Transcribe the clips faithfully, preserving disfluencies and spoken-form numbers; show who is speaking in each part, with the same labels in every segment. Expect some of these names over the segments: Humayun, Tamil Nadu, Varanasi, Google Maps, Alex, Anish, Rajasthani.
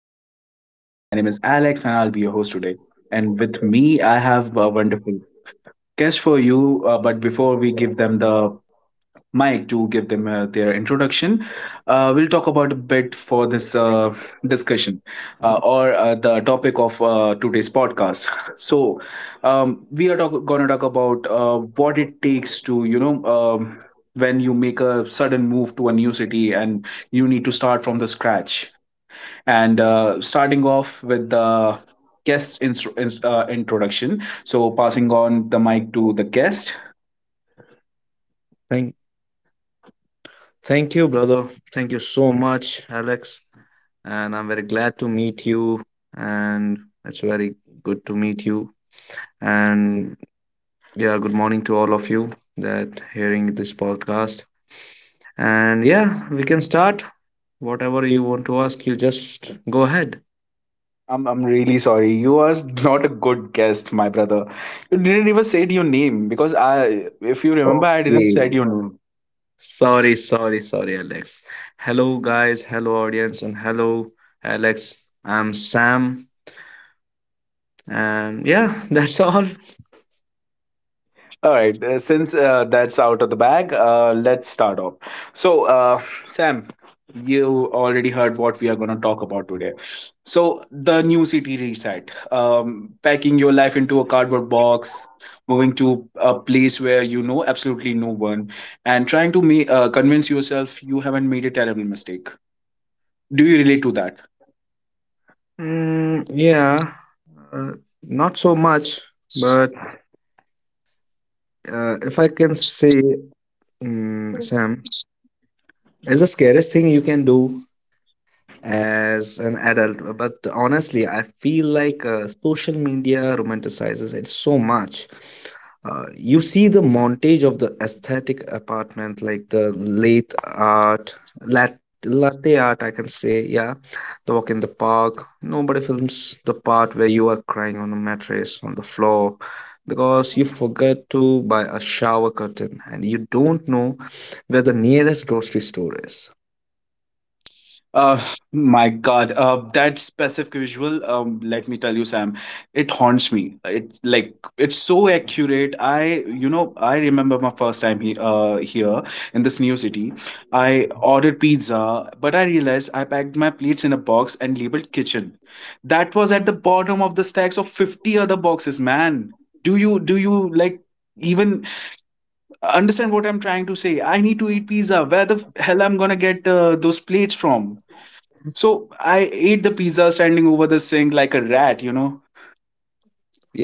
Speaker 1: show. My name is Alex, and I'll be your host today. And with me, I have a wonderful guest for you. Uh, but before we give them the mic to give them uh, their introduction, uh, we'll talk about a bit for this uh, discussion uh, or uh, the topic of uh, today's podcast. So, um, we are talk- gonna talk about uh, what it takes to you know. Um, When you make a sudden move to a new city and you need to start from the scratch and uh, starting off with the guest instru- inst- uh, introduction. So, passing on the mic to the guest.
Speaker 2: Thank, thank you, brother. Thank you so much, Alex. And I'm very glad to meet you. And it's very good to meet you. And yeah, good morning to all of you that hearing this podcast. And yeah, we can start. Whatever you want to ask, you just go ahead.
Speaker 1: I'm, I'm really sorry. You are not a good guest, my brother. You didn't even say your name because I, if you remember, I didn't
Speaker 2: Okay.
Speaker 1: said your name.
Speaker 2: Sorry, sorry, sorry, Alex. Hello, guys. Hello, audience. And hello, Alex. I'm Sam. And yeah, that's all.
Speaker 1: All right, uh, since uh, that's out of the bag, uh, let's start off. So, uh, Sam, you already heard what we are going to talk about today. So, the new city reset, um, packing your life into a cardboard box, moving to a place where you know absolutely no one, and trying to ma- uh, convince yourself you haven't made a terrible mistake. Do you relate to that?
Speaker 2: Mm, yeah, uh, not so much, but uh, if I can say, mm Sam, is the scariest thing you can do as an adult. But honestly, I feel like uh, social media romanticizes it so much. Uh, you see the montage of the aesthetic apartment, like the late art, lat- latte art, I can say, yeah. The walk in the park. Nobody films the part where you are crying on a mattress on the floor because you forget to buy a shower curtain and you don't know where the nearest grocery store is.
Speaker 1: Uh, my God, uh, that specific visual, um, let me tell you, Sam, it haunts me. It's like it's so accurate. I, you know, I remember my first time he, uh, here in this new city. I ordered pizza, but I realized I packed my plates in a box and labeled kitchen. That was at the bottom of the stacks of fifty other boxes, man. Do you do you like even understand what I'm trying to say? I need to eat pizza. Where the hell I'm gonna get uh, those plates from? So I ate the pizza standing over the sink like a rat, you know.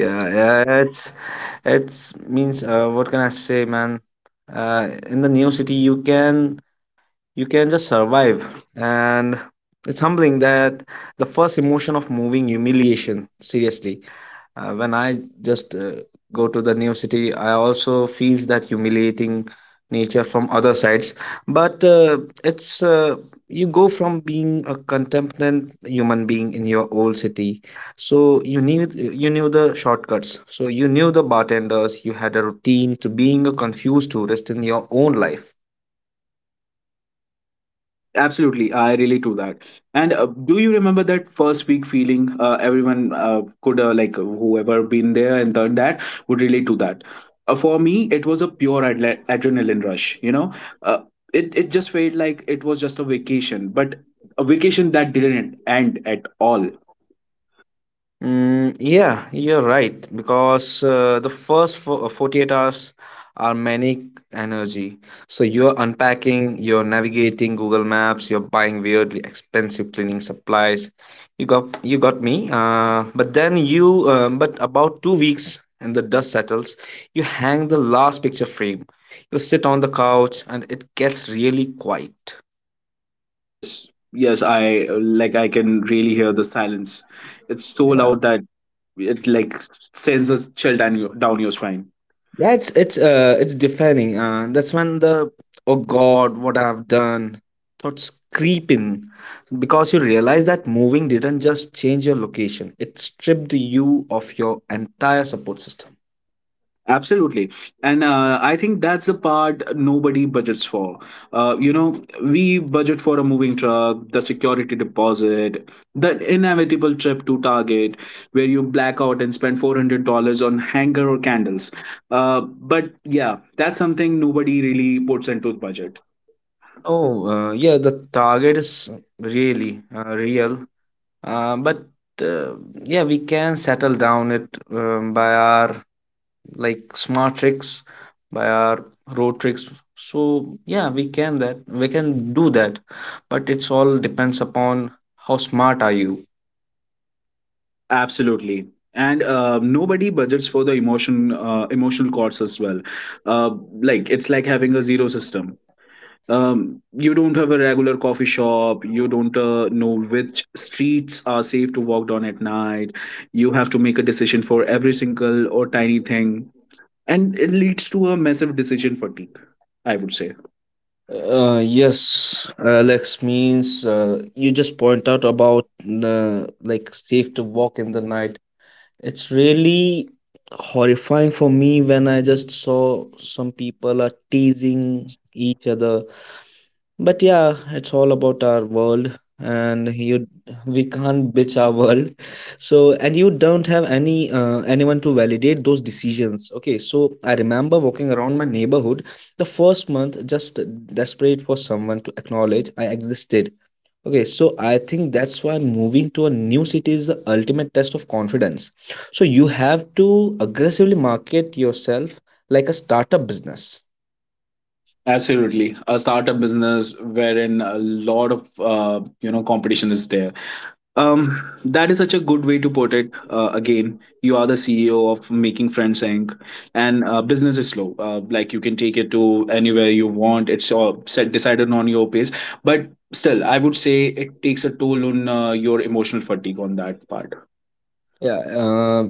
Speaker 2: Yeah, yeah, it's it's means uh, what can I say, man? Uh, in the new city, you can you can just survive and it's humbling that the first emotion of moving humiliation seriously uh, when i just uh, go to the new city I also feels that humiliating nature from other sides but uh, it's uh, you go from being a contemplative human being in your old city so you knew you knew the shortcuts, so you knew the bartenders, you had a routine to being a confused tourist in your own life.
Speaker 1: Absolutely, I really do that. And uh, do you remember that first week feeling? Uh, everyone uh, could uh, like whoever been there and done that would relate to that. Uh, for me, it was a pure adle- adrenaline rush. You know, uh, it it just felt like it was just a vacation, but a vacation that didn't end at all.
Speaker 2: Mm, yeah, you're right because uh, the first fo- uh, forty-eight hours are manic energy. So you're unpacking, you're navigating Google Maps, you're buying weirdly expensive cleaning supplies. You got you got me. Uh, but then you um, but about two weeks and the dust settles, you hang the last picture frame. You sit on the couch and it gets really quiet.
Speaker 1: Yes, yes, I uh, like I can really hear the silence. It's so
Speaker 2: Yeah.
Speaker 1: loud that it like sends a chill down your down your spine.
Speaker 2: That's it's uh it's defining. Uh, that's when the oh God, what I've done thoughts creep in, because you realize that moving didn't just change your location; it stripped you of your entire support system.
Speaker 1: Absolutely. And uh, I think that's the part nobody budgets for. Uh, you know, we budget for a moving truck, the security deposit, the inevitable trip to Target where you black out and spend four hundred dollars on hanger or candles. Uh, but yeah, that's something nobody really puts into the budget.
Speaker 2: Oh uh, yeah, the target is
Speaker 1: Mm-hmm.
Speaker 2: really uh, real. Uh, but uh, yeah, we can settle down it um, by our like smart tricks, by our road tricks, so yeah we can that we can do that, but it's all depends upon how smart are you.
Speaker 1: Absolutely. And uh, nobody budgets for the emotion uh, emotional costs as well. Uh, like it's like having a zero system. Um, you don't have a regular coffee shop. You don't uh, know which streets are safe to walk down at night. You have to make a decision for every single or tiny thing and it leads to a massive decision fatigue I would say.
Speaker 2: Uh, yes, Alex, means uh, you just point out about the like safe to walk in the night. It's really horrifying for me when I just saw some people are teasing each other, but yeah, it's all about our world, and you we can't bitch our world. So and you don't have any uh, anyone to validate those decisions. Okay, so I remember walking around my neighborhood the first month just desperate for someone to acknowledge I existed. Okay, so I think that's why moving to a new city is the ultimate test of confidence. So you have to aggressively market yourself like a startup business.
Speaker 1: Absolutely, a startup business wherein a lot of uh, you know competition is there. Um, that is such a good way to put it. Uh, again, you are the C E O of Making Friends Incorporated and uh, business is slow. Uh, like you can take it to anywhere you want. It's all set decided on your pace, but still, I would say it takes a toll on uh, your emotional fatigue on that part.
Speaker 2: Yeah, uh,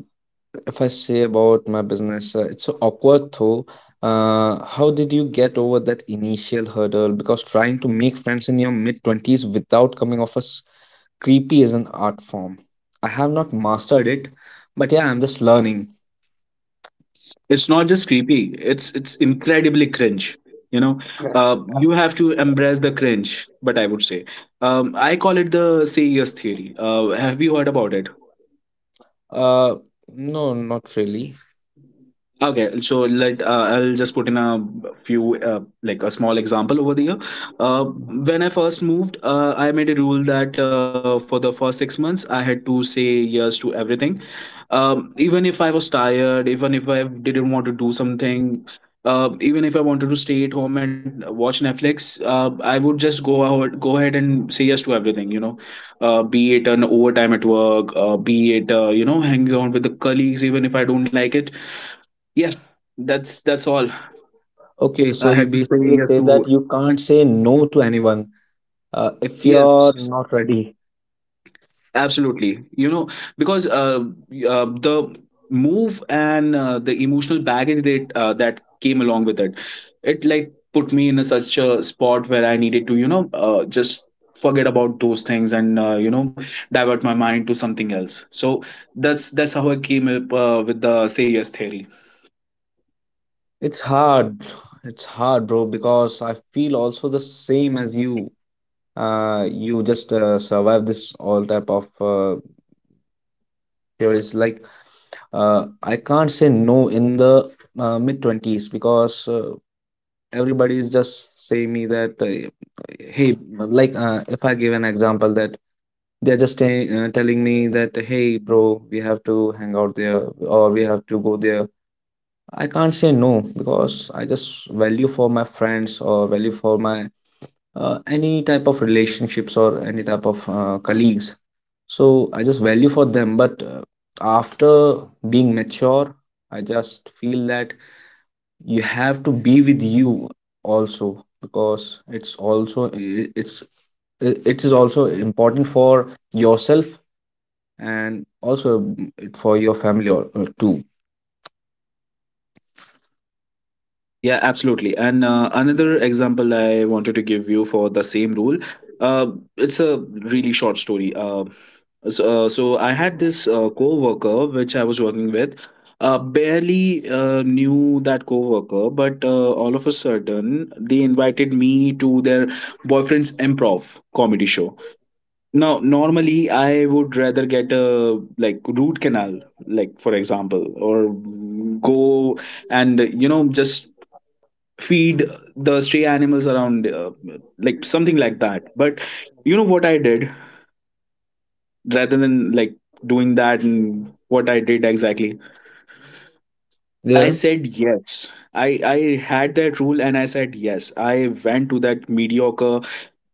Speaker 2: if I say about my business, uh, it's so awkward though. Uh, how did you get over that initial hurdle? Because trying to make friends in your mid twenties without coming off as creepy is an art form. I have not mastered it, but yeah, I'm just learning.
Speaker 1: It's not just creepy, it's it's incredibly cringe, you know. Uh, you have to embrace the cringe, but I would say, um, I call it the C E S theory. Uh, have you heard about it?
Speaker 2: Uh, no, not really.
Speaker 1: Okay, so let uh, I'll just put in a few uh, like a small example over the year. Uh, when I first moved, uh, I made a rule that uh, for the first six months I had to say yes to everything. Um, even if I was tired, even if I didn't want to do something, uh, even if I wanted to stay at home and watch Netflix, uh, I would just go out, go ahead and say yes to everything. You know, uh, be it an overtime at work, uh, be it uh, you know hanging out with the colleagues, even if I don't like it. Yeah, that's that's all.
Speaker 2: Okay, so
Speaker 1: I
Speaker 2: you
Speaker 1: had to say
Speaker 2: basically
Speaker 1: yes
Speaker 2: say that
Speaker 1: to
Speaker 2: you can't say no to anyone uh, if you're
Speaker 1: yes,
Speaker 2: not ready.
Speaker 1: absolutely, you know, because uh, y- uh the move and uh, the emotional baggage that uh, that came along with it, it like put me in a such a spot where I needed to you know uh, just forget about those things and uh, you know divert my mind to something else. So that's that's how I came up uh, with the say yes theory.
Speaker 2: It's hard. It's hard, bro, because I feel also the same as you. Uh, you just uh, survive this all type of uh, theories. Like, uh, I can't say no in the uh, mid twenties because uh, everybody is just saying me that, uh, hey, like, uh, if I give an example that they're just uh, telling me that, hey, bro, we have to hang out there or we have to go there. I can't say no because I just value for my friends or value for my uh, any type of relationships or any type of uh, colleagues. So I just value for them. But uh, after being mature, I just feel that you have to be with you also, because it's also I- it's I- it is also important for yourself, and also mm, it for your family, or, or too.
Speaker 1: Yeah, absolutely. And uh, another example I wanted to give you for the same rule. Uh, it's a really short story. Uh, so, uh, so I had this uh, co-worker which I was working with. Uh, barely uh, knew that co-worker, but uh, all of a sudden they invited me to their boyfriend's improv comedy show. Now, normally I would rather get a like root canal, like for example, or go and you know just feed the stray animals around uh, like something like that, but you know what I did, rather than like doing that, and what I did exactly, I
Speaker 2: Yeah.
Speaker 1: said yes. I i had that rule and I said yes. I went to that mediocre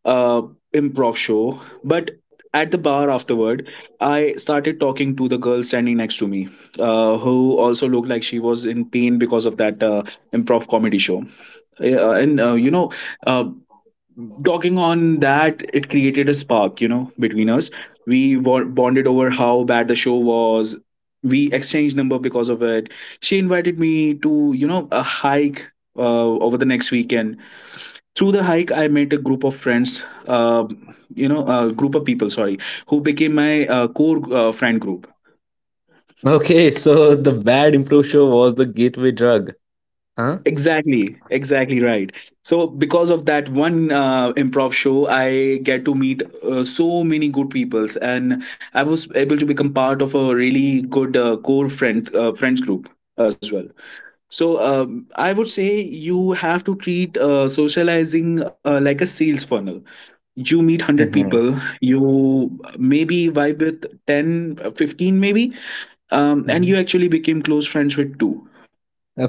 Speaker 1: uh improv show, but at the bar afterward I started talking to the girl standing next to me, uh, who also looked like she was in pain because of that uh, improv comedy show. Eh, Uh, and uh, you know, uh, talking on that it created a spark, you know, between us. We wa- bonded over how bad the show was. We exchanged number because of it. She invited me to you know a hike uh, over the next weekend. Through the hike I met a group of friends, uh, you know, a group of people, sorry, who became my uh, core uh, friend group.
Speaker 2: Okay, so the bad improv show was the gateway drug, huh?
Speaker 1: Exactly, exactly right. So, because of that one uh, improv show, I get to meet uh, so many good peoples, and I was able to become part of a really good uh, core friend uh, friends group as well. So, um, I would say you have to treat uh, socializing uh, like a sales funnel. You meet one hundred
Speaker 2: Mm-hmm.
Speaker 1: people, you maybe vibe with ten, fifteen maybe, um, and
Speaker 2: Mm-hmm.
Speaker 1: you actually became close friends with two.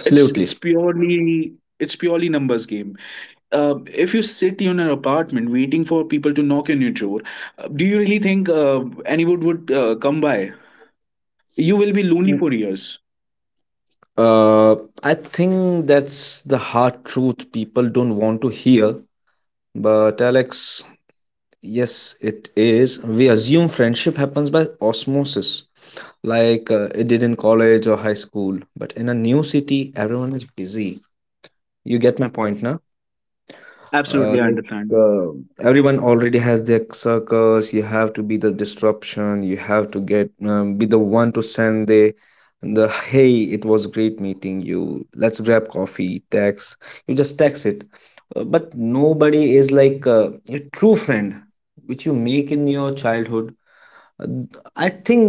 Speaker 1: it's it's purely, it's purely numbers game. uh, if you sit in an apartment waiting for people to knock on your door, uh, do you really think uh, anyone would uh, come by? You will be lonely
Speaker 2: Mm.
Speaker 1: for years.
Speaker 2: Uh, I think that's the hard truth people don't want to hear. But Alex, yes, it is. We assume friendship happens by osmosis, like uh, it did in college or high school. But in a new city, everyone is busy. You get my point, now? Uh,
Speaker 1: Absolutely I
Speaker 2: like
Speaker 1: understand.
Speaker 2: uh, everyone already has their circles. You have to be the disruption. You have to get um, be the one to send the the hey, it was great meeting you, let's grab coffee text. You just text it. Uh, but nobody is like uh, a true friend which you make in your childhood. Uh, I think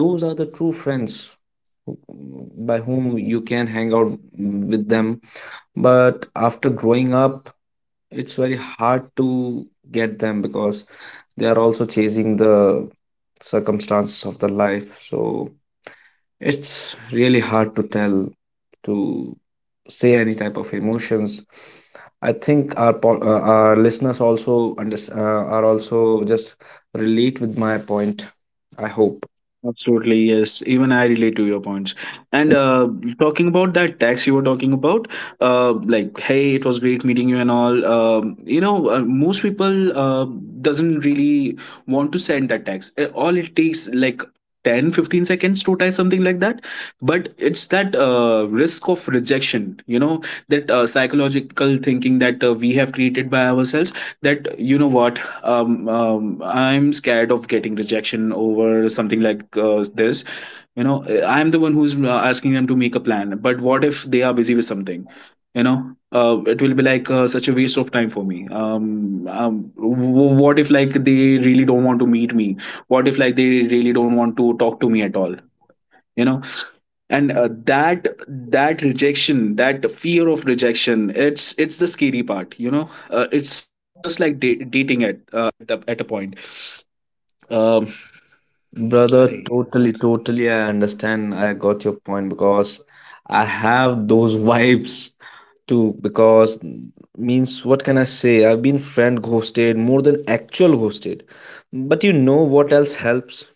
Speaker 2: those are the true friends by whom you can hang out with them, but after growing up, it's very hard to get them, because they are also chasing the circumstances of their life. So it's really hard to tell to say any type of emotions. I think our po- uh, our listeners also under- uh, are also just relate with my point. I hope.
Speaker 1: Absolutely, yes. Even I relate to your points. And uh, talking about that tax you were talking about, uh, like, hey, it was great meeting you and all. Um, you know, uh, most people uh, doesn't really want to send that tax. Uh, All it takes like ten, fifteen seconds to type something like that. But it's that uh, risk of rejection, you know, that uh, psychological thinking that uh, we have created by ourselves, that, you know what, um, um, I'm scared of getting rejection over something like uh, this, you know. I'm the one who's uh, asking them to make a plan, but what if they are busy with something, you know, uh, it will be like uh, such a waste of time for me. Um, um w- what if like they really don't want to meet me? What if like they really don't want to talk to me at all, you know? And uh, that that rejection, that fear of rejection, it's it's the scary part, you know. Uh, it's just like da- dating.
Speaker 2: Brother, totally, totally. I understand. I got your point because I have those vibes too. Because means what can I say? I've been friend ghosted more than actual ghosted. But you know what else helps?